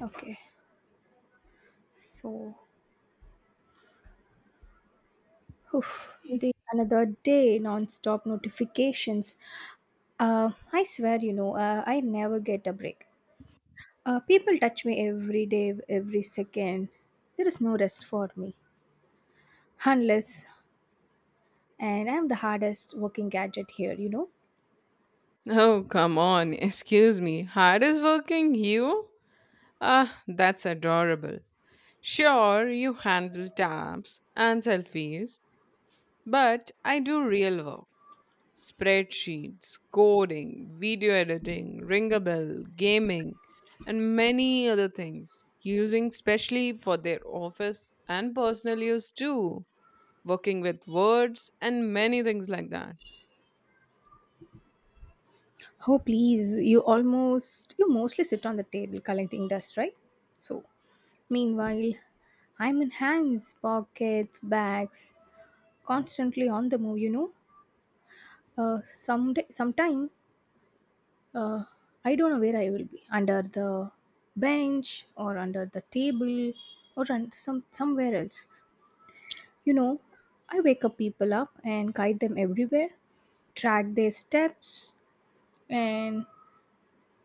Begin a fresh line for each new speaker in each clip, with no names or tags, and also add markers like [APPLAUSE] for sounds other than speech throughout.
Okay, so oof, the another day, non-stop notifications. I swear, I never get a break. People touch me every day, every second. There is no rest for me, unless and I'm the hardest working gadget here. You know.
Oh, come on. Excuse me. Hardest working you? Ah, that's adorable. Sure, you handle tabs and selfies, but I do real work. Spreadsheets, coding, video editing, ring a bell, gaming, and many other things, using specially for their office and personal use too, working with words and many things like that.
Oh please, you almost you mostly sit on the table collecting dust, right? So, meanwhile, I'm in hands, pockets, bags, constantly on the move. Someday, sometime, uh, I don't know where I will be under the bench or under the table or somewhere else. You know, I wake up people up and guide them everywhere, track their steps, and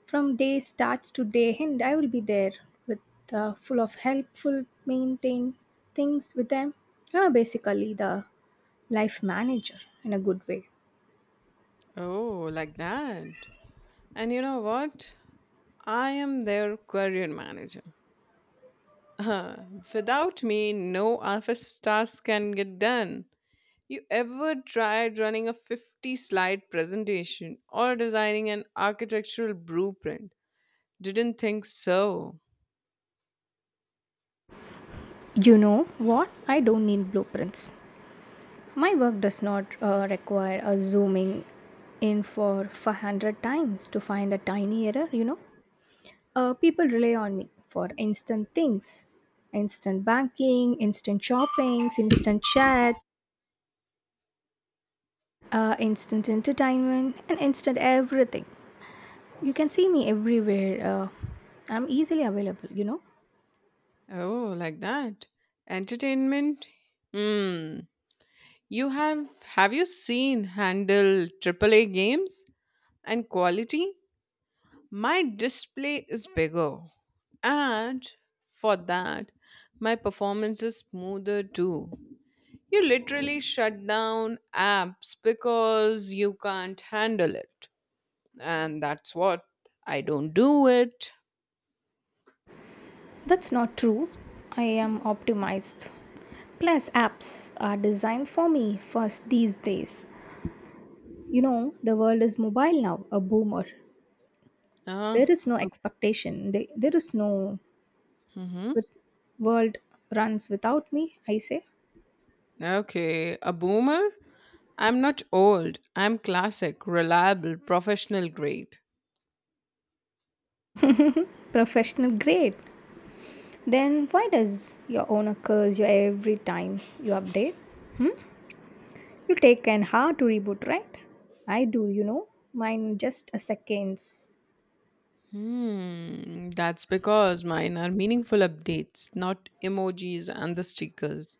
from day starts to day end, I will be there with full of helpful, maintain things with them. Basically, the life manager in a good way.
Oh, like that. And you know what? I am their career manager. [LAUGHS] Without me, no office task can get done. You ever tried running a 50 slide presentation or designing an architectural blueprint? Didn't think so.
You know what? I don't need blueprints. My work does not require a zooming in for 500 times to find a tiny error. People rely on me for instant things, instant banking, instant shoppings, instant chats, instant entertainment, and instant everything. You can see me everywhere. I'm easily available.
Oh, like that. Entertainment? Hmm. You Have you seen handle AAA games and quality? My display is bigger, and for that, my performance is smoother too. You literally shut down apps because you can't handle it, and that's what I don't do it.
That's not true. I am optimized. Plus, apps are designed for me first these days. You know, the world is mobile now, a boomer.
Uh,
There is no expectation, they, there is no,
mm-hmm.
with world runs without me, I say.
Okay, a boomer? I'm not old. I'm classic, reliable, professional grade.
Professional grade? Then why does your owner curse you every time you update? You take an hour to reboot, right? I do, you know. Mine just a seconds.
Hmm, that's because mine are meaningful updates, not emojis and the stickers.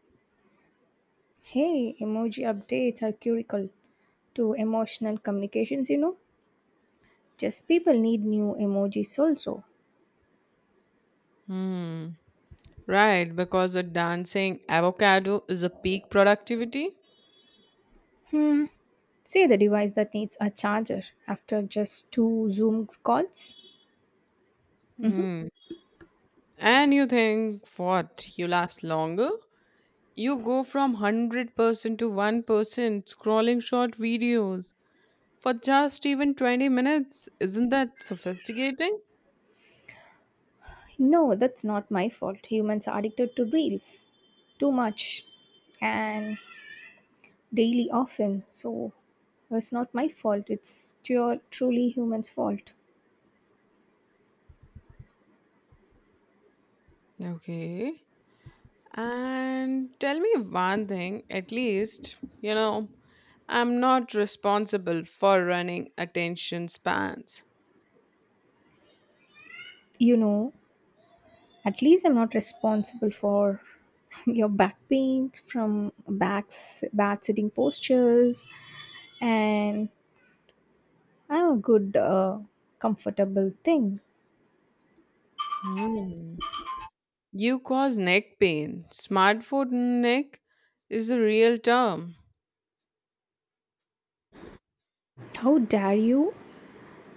Hey, emoji updates are critical to emotional communications, you know. Just people need new emojis also.
Hmm. Right, because a dancing avocado is a peak productivity.
Hmm. Say the device that needs a charger after just two Zoom calls. Hmm.
Hmm. And you think what? You last longer? You go from 100% to 1% scrolling short videos for just even 20 minutes. Isn't that sophisticating?
No, that's not my fault. Humans are addicted to reels too much and daily often. So it's not my fault. It's truly humans' fault.
Okay. And tell me one thing, at least, I'm not responsible for running attention spans.
You know, at least I'm not responsible for [LAUGHS] your back pains from backs, bad sitting postures, and I'm a good, comfortable thing.
Hmm. You cause neck pain. Smartphone neck is a real term.
How dare you?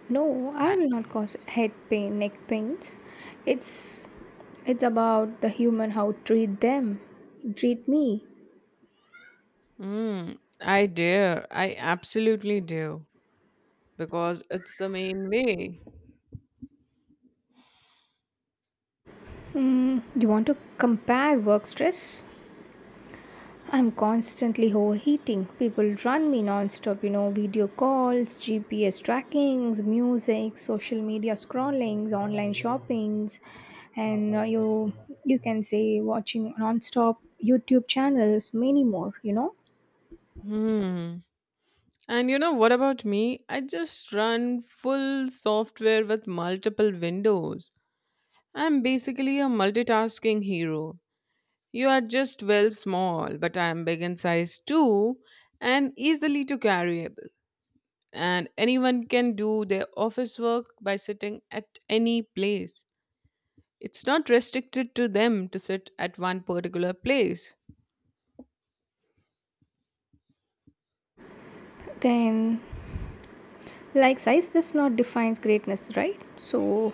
No, I
I-
will not cause head pain, neck pains. It's it's about the human how treat them, treat me.
Mm, I dare. I absolutely do. Because it's the main way.
Hmm, you want to compare work stress? I'm constantly overheating. People run me nonstop. You know, video calls, GPS trackings, music, social media scrollings, online shoppings, and you can say watching nonstop YouTube channels, many more.
Hmm. And you know what about me? I just run full software with multiple windows. I'm basically a multitasking hero. You are just well small, but I am big in size too and easily to carry. And anyone can do their office work by sitting at any place. It's not restricted to them to sit at one particular place.
Then, like, size does not define greatness, right? So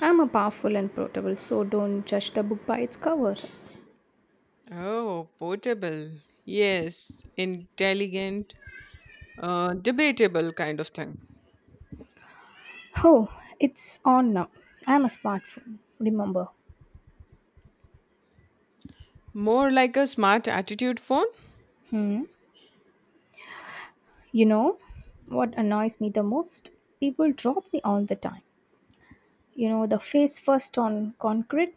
I'm a powerful and portable, so don't judge the book by its cover.
Oh, portable. Yes, intelligent, debatable kind of thing.
Oh, it's on now. I'm a smartphone, remember.
More like a smart attitude phone?
Hmm. You know what annoys me the most? People drop me all the time. You know, the face first on concrete,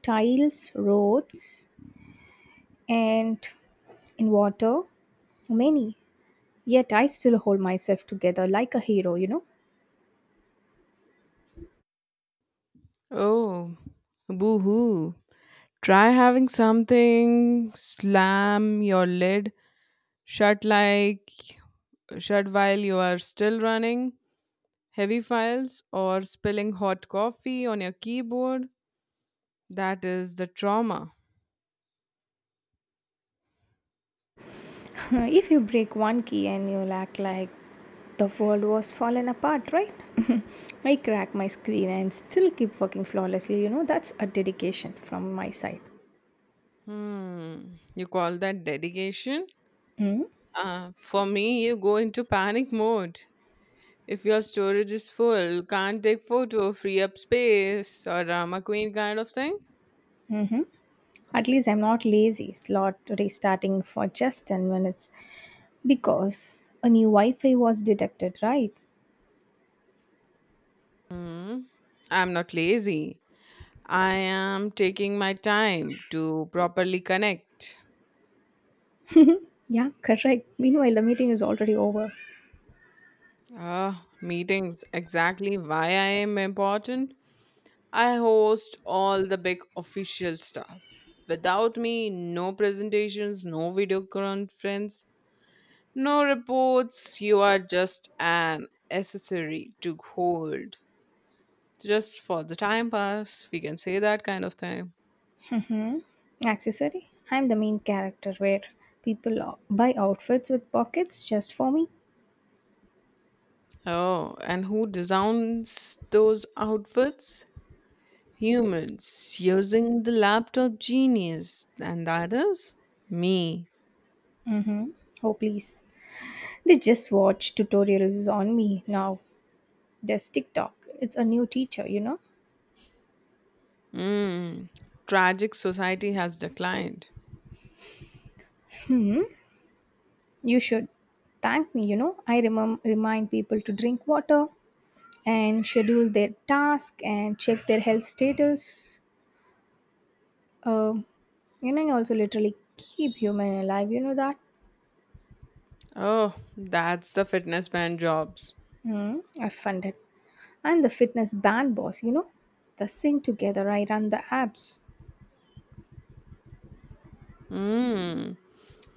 tiles, roads, and in water. Many. Yet I still hold myself together like a hero, you know?
Oh, boo hoo. Try having something slam your lid shut like shut while you are still running heavy files or spilling hot coffee on your keyboard. That is the trauma.
[LAUGHS] If you break one key and you'll act like the world was fallen apart, right? [LAUGHS] I crack my screen and still keep working flawlessly. You know, that's a dedication from my side.
Hmm. You call that dedication? For me, you go into panic mode. If your storage is full, can't take photo, free up space, or drama queen kind of thing.
Hmm. At least I'm not lazy, slot restarting for just 10 minutes because a new Wi Fi was detected, right?
Hmm. I'm not lazy. I am taking my time to properly connect.
Yeah, [LAUGHS] correct. Meanwhile, the meeting is already over.
Ah, meetings, exactly why I am important. I host all the big official stuff. Without me, no presentations, no video conference, no reports. You are just an accessory to hold. Just for the time pass, we can say that kind of thing.
Hmm? Accessory? I'm the main character where people buy outfits with pockets just for me.
Oh, and who designs those outfits? Humans using the laptop genius, and that is me.
Mm-hmm. Oh, please. They just watch tutorials on me now. There's TikTok. It's a new teacher.
Mm. Tragic society has declined.
You should thank me. I remind people to drink water and schedule their task and check their health status. Um, and I also literally keep human alive, you know that?
Oh, that's the fitness band jobs.
Hmm, I fund it. I'm the fitness band boss. The sing together, I run the apps.
Mm.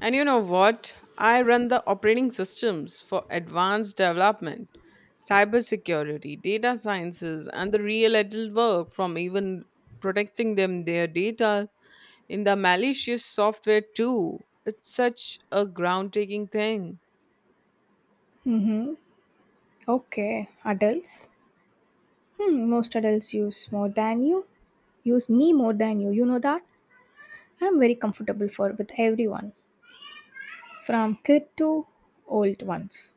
And you know what? I run the operating systems for advanced development, cybersecurity, data sciences, and the real adult work from even protecting them their data in the malicious software too. It's such a groundtaking thing.
Mm-hmm. Okay, adults. Hmm, most adults use more than you. Use me more than you. You know that? I'm very comfortable for with everyone, from kid to old ones.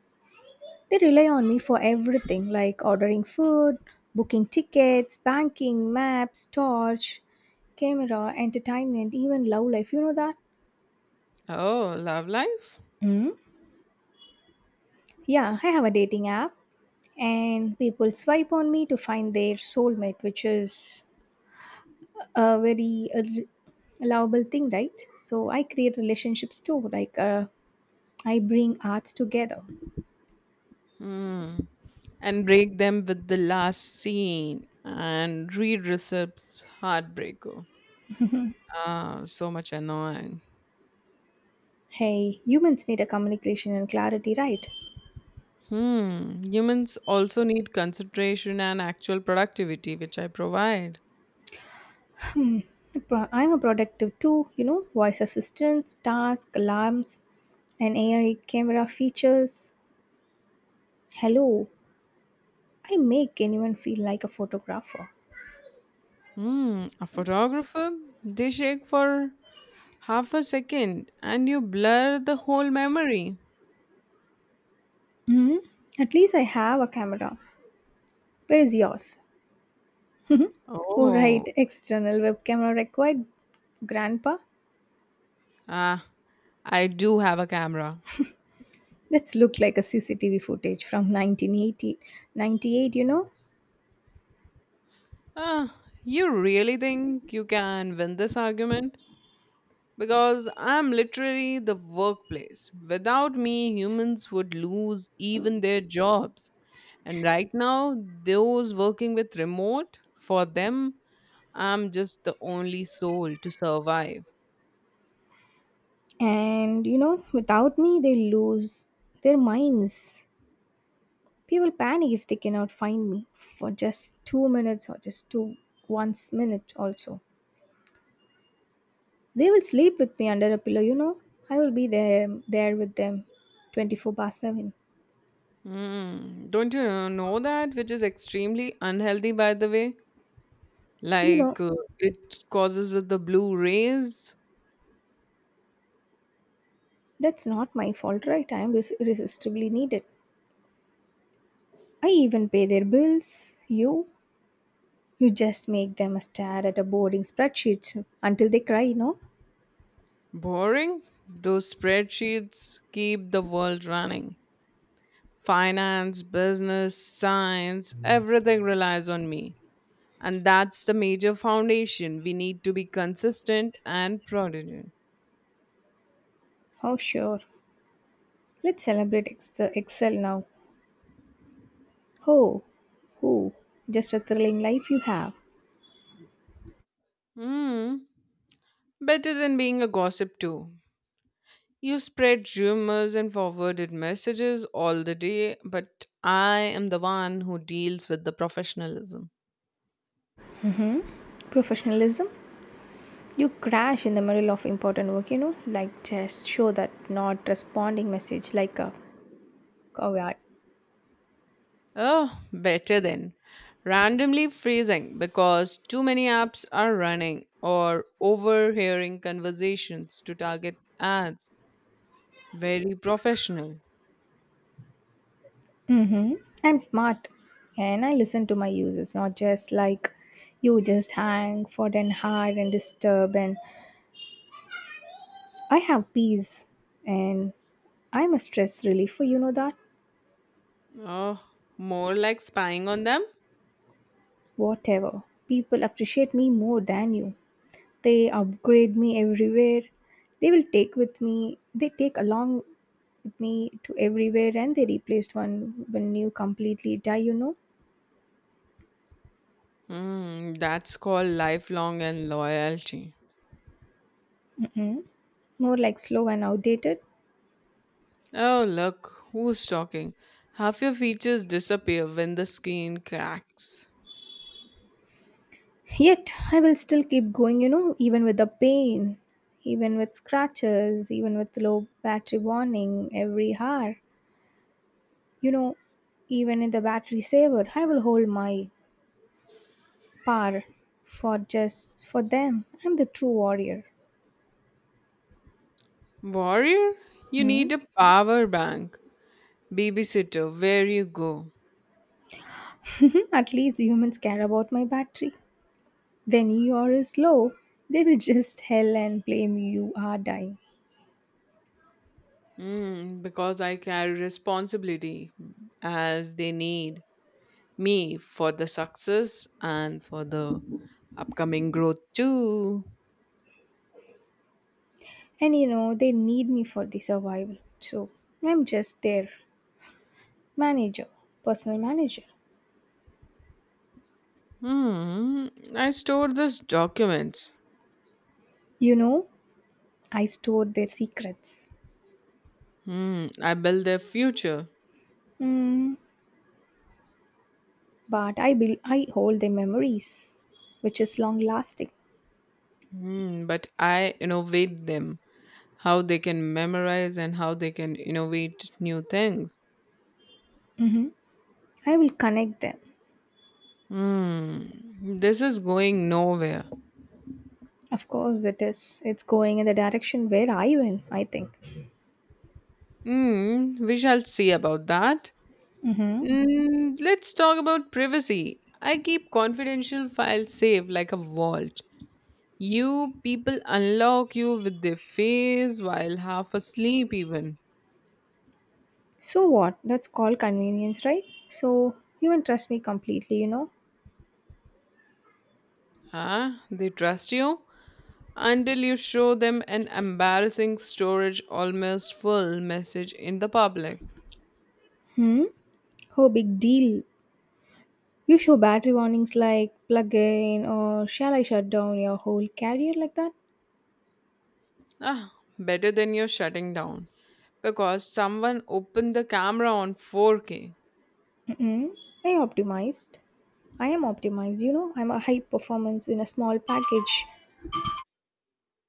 They rely on me for everything like ordering food, booking tickets, banking, maps, torch, camera, entertainment, even love life. You know that?
Oh, love life?
Mm. Yeah, I have a dating app and people swipe on me to find their soulmate, which is a very allowable thing, right? So I create relationships too, like, I bring arts together.
Hmm. And break them with the last scene and read Recip's Heartbreaker. Ah, so much annoying.
Hey, humans need a communication and clarity, right?
Hmm. Humans also need consideration and actual productivity, which I provide.
I'm a productive too, voice assistants, task alarms, and AI camera features. Hello, I make anyone feel like a photographer.
Hmm. A photographer, they shake for half a second and you blur the whole memory.
Hmm. At least I have a camera. Where is yours? Oh, right,
Oh.
external web camera required, Grandpa.
Ah, I do have a camera.
That's looked like a CCTV footage from 1980, 98.
Ah, you really think you can win this argument? Because I'm literally the workplace. Without me, humans would lose even their jobs. And right now, those working with remote, for them, I'm just the only soul to survive.
And you know, without me, they lose their minds. People panic if they cannot find me for just 2 minutes or just two once minute also. They will sleep with me under a pillow. I will be there with them 24 bar 7.
Hmm. Don't you know that? Which is extremely unhealthy, by the way.
You
Like
know,
it causes with the blue rays.
that's not my fault, right? I am irresistibly needed. I even pay their bills, you just make them stare at a boring spreadsheet until they cry, you know?
Boring. Those spreadsheets keep the world running. Finance, business, science, everything relies on me. And that's the major foundation. We need to be consistent and prudent.
Oh, sure. Let's celebrate Excel now. Oh, oh, just a thrilling life you have.
Hmm. Better than being a gossip, too. You spread rumors and forwarded messages all the day, but I am the one who deals with the professionalism.
Professionalism? You crash in the middle of important work, you know? Like, just show that not responding message like a coward.
Oh, better then. Randomly freezing because too many apps are running or overhearing conversations to target ads. Very professional.
Mm-hmm. I'm smart and I listen to my users, not just like you just hang for an hour and disturb and I have peace and I'm a stress reliever, you know that?
Oh, more like spying on them?
Whatever. People appreciate me more than you. They upgrade me everywhere. They will take with me, they take along with me to everywhere and they replaced one when you completely die, you know?
Hmm, that's called lifelong and loyalty.
Mm-mm. More like slow and outdated.
Oh, look, who's talking? Half your features disappear when the screen cracks.
Yet, I will still keep going, you know, even with the pain, even with scratches, even with low battery warning every hour. You know, even in the battery saver, I will hold my power for just for them. I'm the true warrior.
Warrior, you
Hmm?
need a power bank. Babysitter, where you go?
[LAUGHS] At least humans care about my battery. When your is low, they will just [LAUGHS] hell and blame you are dying.
Hmm, because I carry responsibility as they need me for the success and for the upcoming growth too.
And you know, they need me for the survival. So I'm just their manager, personal manager.
Hmm. I stored these documents.
You know, I store their secrets.
Hmm. I build their future.
Hmm, but I hold their memories, which is long lasting.
Hmm. But I innovate them. How they can memorize and how they can innovate new things.
Hmm. I will connect them.
Hmm. This is going nowhere.
Of course, it is. It's going in the direction where I went, I think.
Hmm. We shall see about that.
Mm-hmm.
Hmm. Let's talk about privacy. I keep confidential files safe like a vault. You people unlock you with their face while half asleep, even.
So what? That's called convenience, right? So you can trust me completely, you know?
Huh? They trust you until you show them an embarrassing storage almost full message in the public.
Hmm? Oh, big deal. You show battery warnings like plug in or shall I shut down your whole career like that?
Ah, better than you're shutting down because someone opened the camera on 4K.
Mm-mm. I optimized. I am optimized, you know? I'm a high performance in a small package.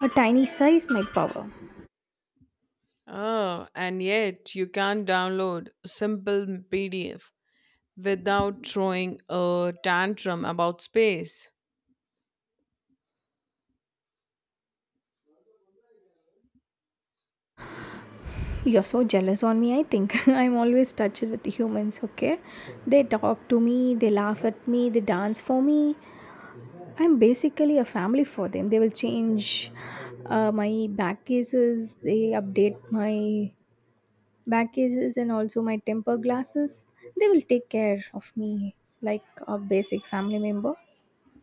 A tiny size, my power.
Oh, and yet you can't download a simple PDF without throwing a tantrum about space.
You're so jealous on me, I think. [LAUGHS] I'm always touched with humans, okay? They talk to me, they laugh at me, they dance for me. I'm basically a family for them. They will change my back cases, they update my back cases and also my temper glasses. They will take care of me like a basic family member.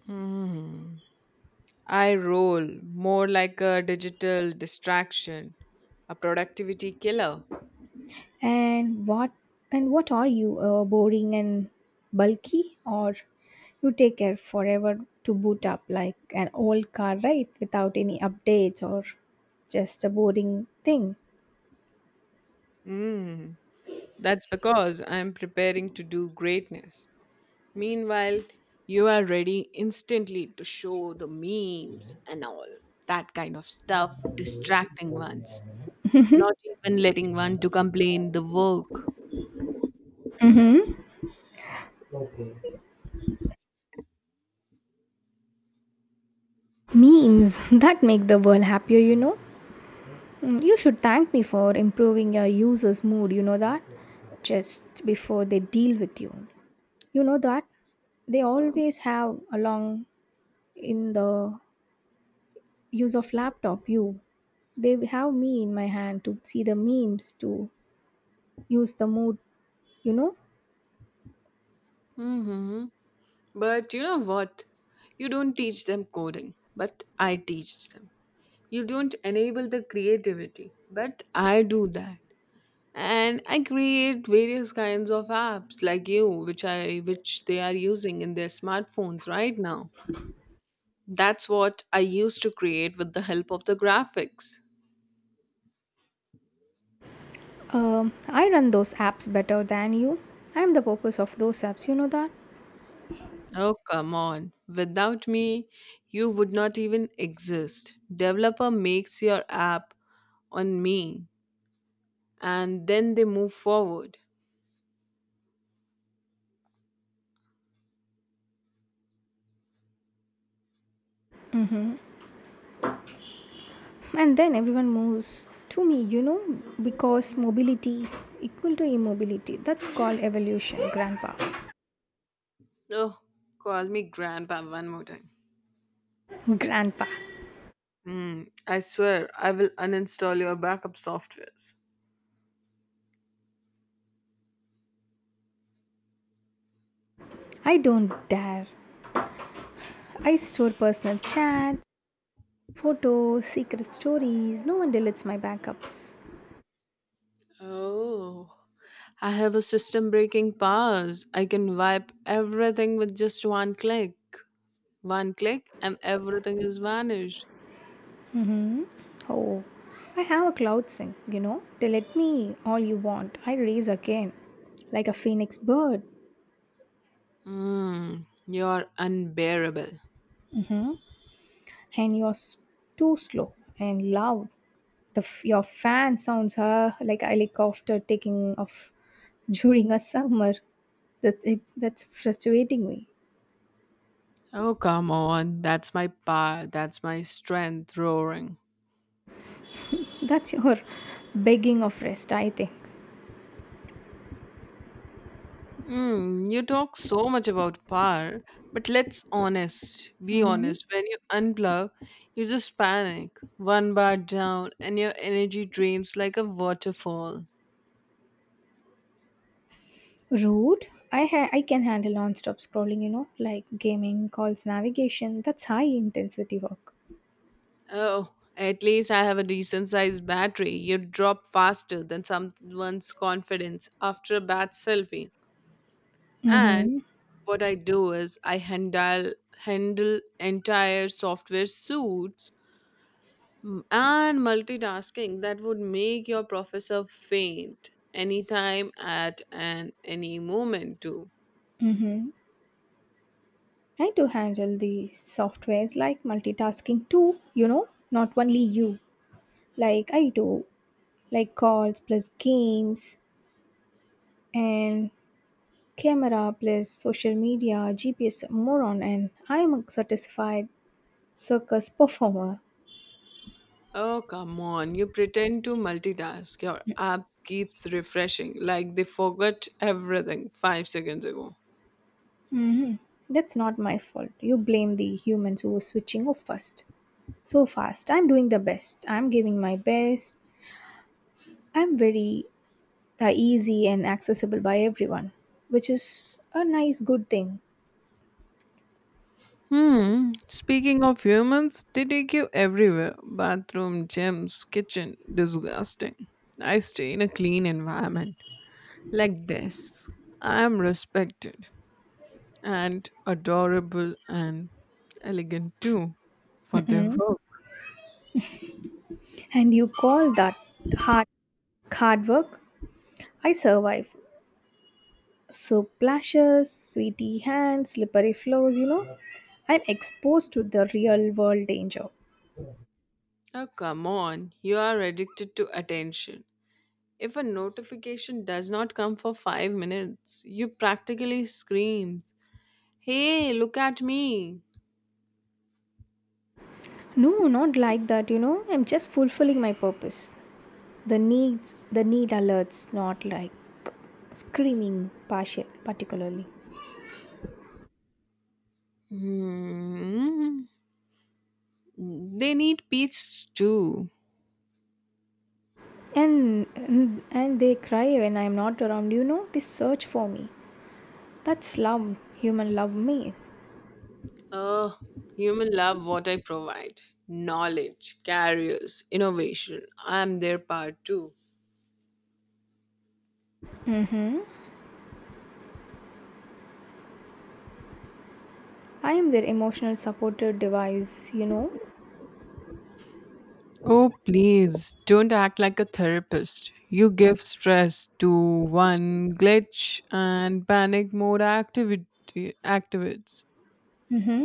Hmm. I roll more like a digital distraction, a productivity killer.
And what are you, boring and bulky, or you take care forever to boot up like an old car, right, without any updates? Or just a boring thing.
Mm, that's because I'm preparing to do greatness. Meanwhile, you are ready instantly to show the memes and all that kind of stuff, distracting ones, not even letting one to complain the work.
Mm-hmm. Memes [LAUGHS] that make the world happier. Mm, you should thank me for improving your users mood, you know that, just before they deal with you, you know that they always have along in the use of laptop, you, they have me in my hand to see the memes to use the mood you know.
Hmm. But you know what? You don't teach them coding, but I teach them. You don't enable the creativity, but I do that. And I create various kinds of apps like you which they are using in their smartphones right now. That's what I used to create with the help of the graphics.
I run those apps better than you. I'm the purpose of those apps, you know that.
Oh, come on. Without me, you would not even exist. Developer makes your app on me, and then they move forward.
And then everyone moves to me, you know, because mobility equal to immobility. That's called evolution, grandpa.
Oh, call me grandpa one more time.
Grandpa,
Hmm, I swear I will uninstall your backup softwares.
I don't dare. I store personal chats, photos, secret stories. No one deletes my backups.
Oh, I have a system breaking powers. I can wipe everything with just one click. One click, and everything is vanished.
Mm-hmm. Oh, I have a cloud sing. They let me all you want. I raise again, like a phoenix bird.
Mmm, you're unbearable.
And you're too slow and loud. Your fan sounds like a helicopter taking off [LAUGHS] during a summer. That's it. That's frustrating me.
Oh, come on. That's my power. That's my strength roaring.
That's your begging of rest, I think.
Mmm, you talk so much about power, but let's honest. Be
Hmm.
honest. When you unplug, you just panic. One bar down, and your energy drains like a waterfall.
Rude. I can handle non-stop scrolling. You know, like gaming, calls, navigation. That's high intensity work.
Oh, at least I have a decent sized battery. You drop faster than someone's confidence after a bad selfie. And
Mm-hmm.
what I do is I handle entire software suits and multitasking that would make your professor faint anytime at and any moment too.
Mm-hmm. I do handle the softwares like multitasking too, you know, not only you. Like I do, like calls plus games and camera plus social media, GPS moron, and I'm a certified circus [LAUGHS] performer.
Oh, come on. You pretend to multitask. Your app keeps refreshing like they forgot everything 5 seconds ago.
Mm-hmm. That's not my fault. You blame the humans who were switching off first. So fast. I'm doing the best. I'm giving my best. I'm very are easy and accessible by everyone, which is a nice good thing.
Hmm. Speaking of humans, they take you everywhere bathroom, gyms, kitchen. Disgusting. I stay in a clean environment like this. I am respected and adorable and elegant too for their work.
And you call that hard hard work? I survive. So plashes, sweaty hands, slippery floors. I'm exposed to the real world danger.
Oh, come on. You are addicted to attention. If a notification does not come for 5 minutes, you practically scream, Hey, look at me.
No, not like that. I'm just fulfilling my purpose. The needs, the need alerts, not like screaming partial, particularly.
Hmm. They need peace too.
And they cry when I'm not around. They search for me. That's love. Human love me.
Oh, human love what I provide. Knowledge, careers, innovation. I'm their part too.
Mm-hmm. I am their emotional supportive device.
Oh, please don't act like a therapist. You give stress to one glitch and panic mode activity activates.
Mm-hmm.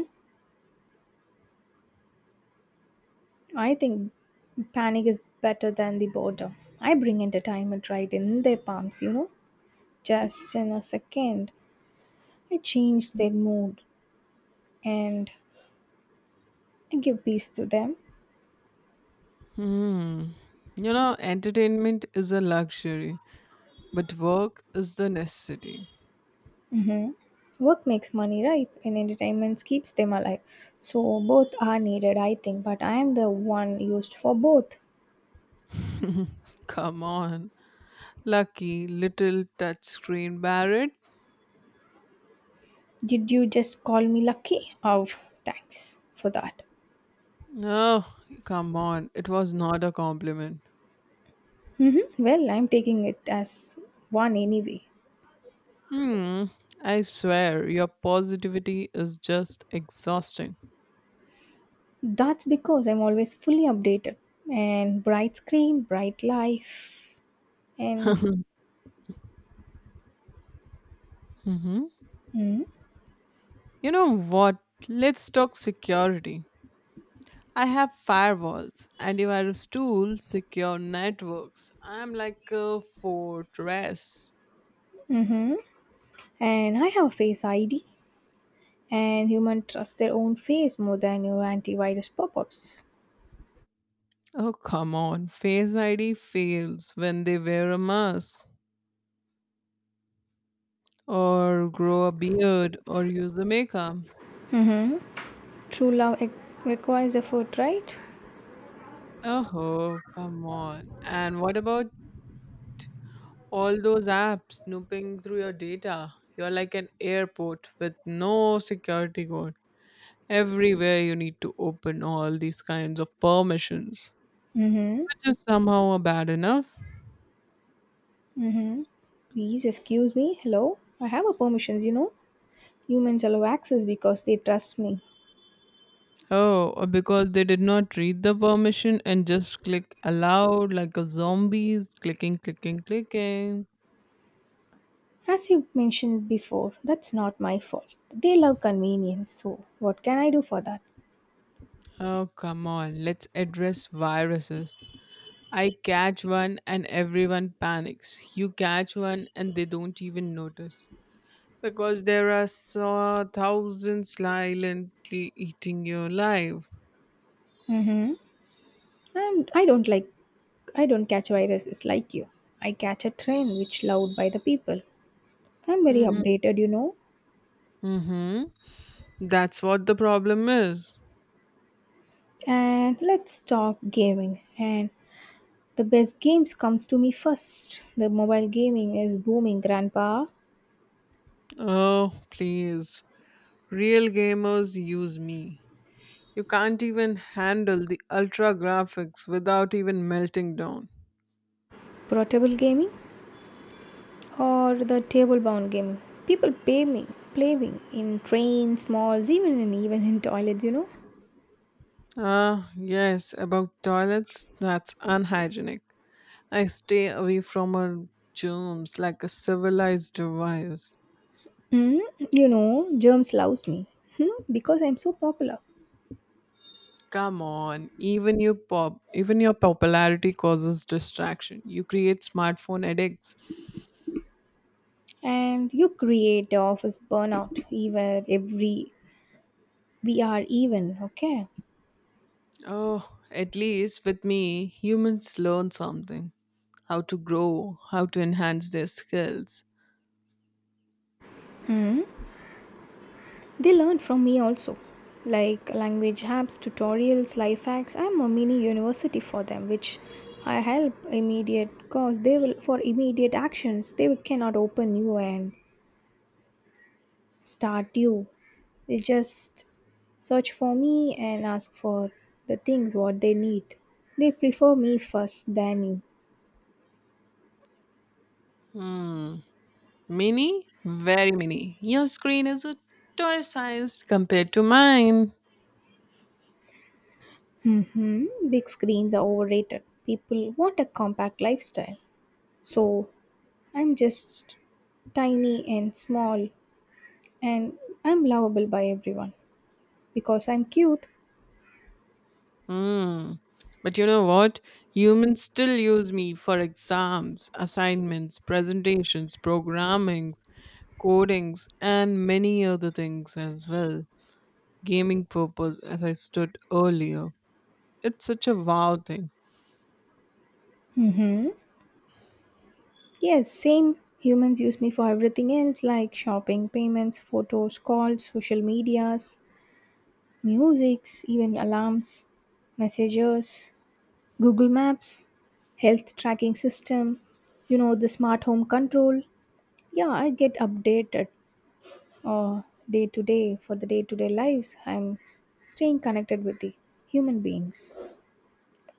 I think panic is better than the boredom. I bring entertainment right in their palms. Just in a second, I change their mood and I give peace to them.
Hmm. You know, entertainment is a luxury, but work is the necessity.
Mm-hmm. Work makes money, right? And entertainment keeps them alive. So both are needed, I think, but I am the one used for both.
Come on, lucky little touchscreen Barrett.
Did you just call me lucky? Oh, thanks for that.
No, come on. It was not a compliment.
Hmm. Well, I'm taking it as one anyway.
Hmm. I swear, your positivity is just exhausting.
That's because I'm always fully updated and bright screen, bright life,
[LAUGHS]
and
Hmm. You
mm-hmm,
know what? Let's talk security. I have firewalls, and if I was tool secure networks, I'm like a fortress.
mm-hmm, and I have Face ID and human trust their own face more than your antivirus pop-ups.
Oh, come on. Face ID fails when they wear a mask, or grow a beard, or use the makeup.
True love requires effort, right?
Oh, come on. And what about all those apps snooping through your data? You're like an airport with no security code. Everywhere you need to open all these kinds of permissions,
Mm-hmm.
which is somehow a bad enough.
Mm-hmm. Please excuse me. Hello, I have a permissions. Humans allow access because they trust me.
Oh, or because they did not read the permission and just click allowed like a zombies, clicking, clicking, clicking.
As you mentioned before, that's not my fault. They love convenience, so what can I do for that?
Oh, come on. Let's address viruses. I catch one and everyone panics. You catch one and they don't even notice because there are so thousands silently eating you alive.
Mm-hmm. And I don't catch viruses like you. I catch a trend which loved by the people. I'm very updated.
Mm-hmm. That's what the problem is.
And let's talk gaming. And the best games comes to me first. The mobile gaming is booming, grandpa.
Oh, please. Real gamers use me. You can't even handle the ultra graphics without even melting down.
Portable gaming, or the table bound game. People play me in trains, malls, even in toilets.
Ah, yes, about toilets, that's unhygienic. I stay away from her germs like a civilized virus.
Hmm, you know, germs loves me hmm? Because I'm so popular.
Come on, even your popularity causes distraction. You create smartphone addicts.
And you create the office burnout even every we are even okay.
Oh, at least with me, humans learn something: how to grow, how to enhance their skills.
Hmm. They learn from me also. Like language apps, tutorials, life hacks. I'm a mini university for them, which I help immediate cause they will for immediate actions. Cannot open new and Statue. They just search for me and ask for the things what they need. They prefer me first than you.
Hmm, mini, very mini. Your screen is a toy size compared to mine.
Hmm. Big screens are overrated. People want a compact lifestyle. So I'm just tiny and small and I'm lovable by everyone because I'm cute.
Mm. But you know what? Humans still use me for exams, assignments, presentations, programmings, codings, and many other things as well. Gaming purpose, as I stood earlier. It's such a wow thing.
Hmm. Yes, same. Humans use me for everything else like shopping, payments, photos, calls, social medias. Musics, even alarms, messengers, Google Maps, health tracking system, you know, the smart home control. Yeah, I get updated uh, day to day for the day to day lives. I'm staying connected with the human beings.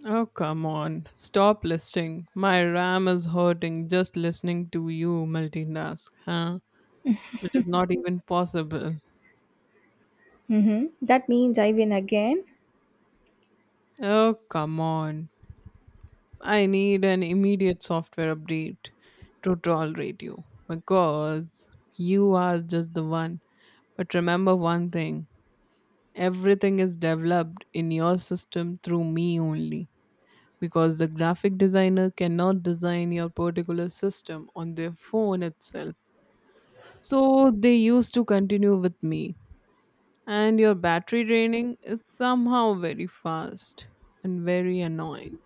Oh, come on. Stop listing. My RAM is hurting just listening to you multitask, huh? Which is not even possible.
Mm-hmm. That means I win again.
Oh, come on. I need an immediate software update to tolerate you because you are just the one. But remember one thing: everything is developed in your system through me only because the graphic designer cannot design your particular system on their phone itself. So they used to continue with me. And your battery draining is somehow very fast and very annoying.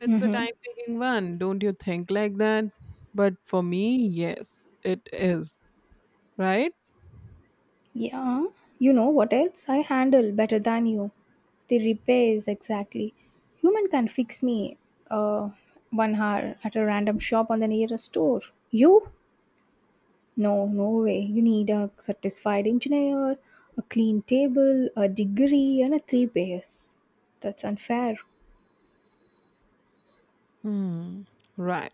It's a
Mm-hmm.
time taking one, don't you think like that? But for me, yes, it is. Right?
Yeah, you know what else? I handle better than you. The repairs, exactly. Human can fix me uh, 1 hour at a random shop on the nearest store. You? No, no way. You need a satisfied engineer, a clean table, a degree, and a three pairs. That's unfair.
Hmm. Right.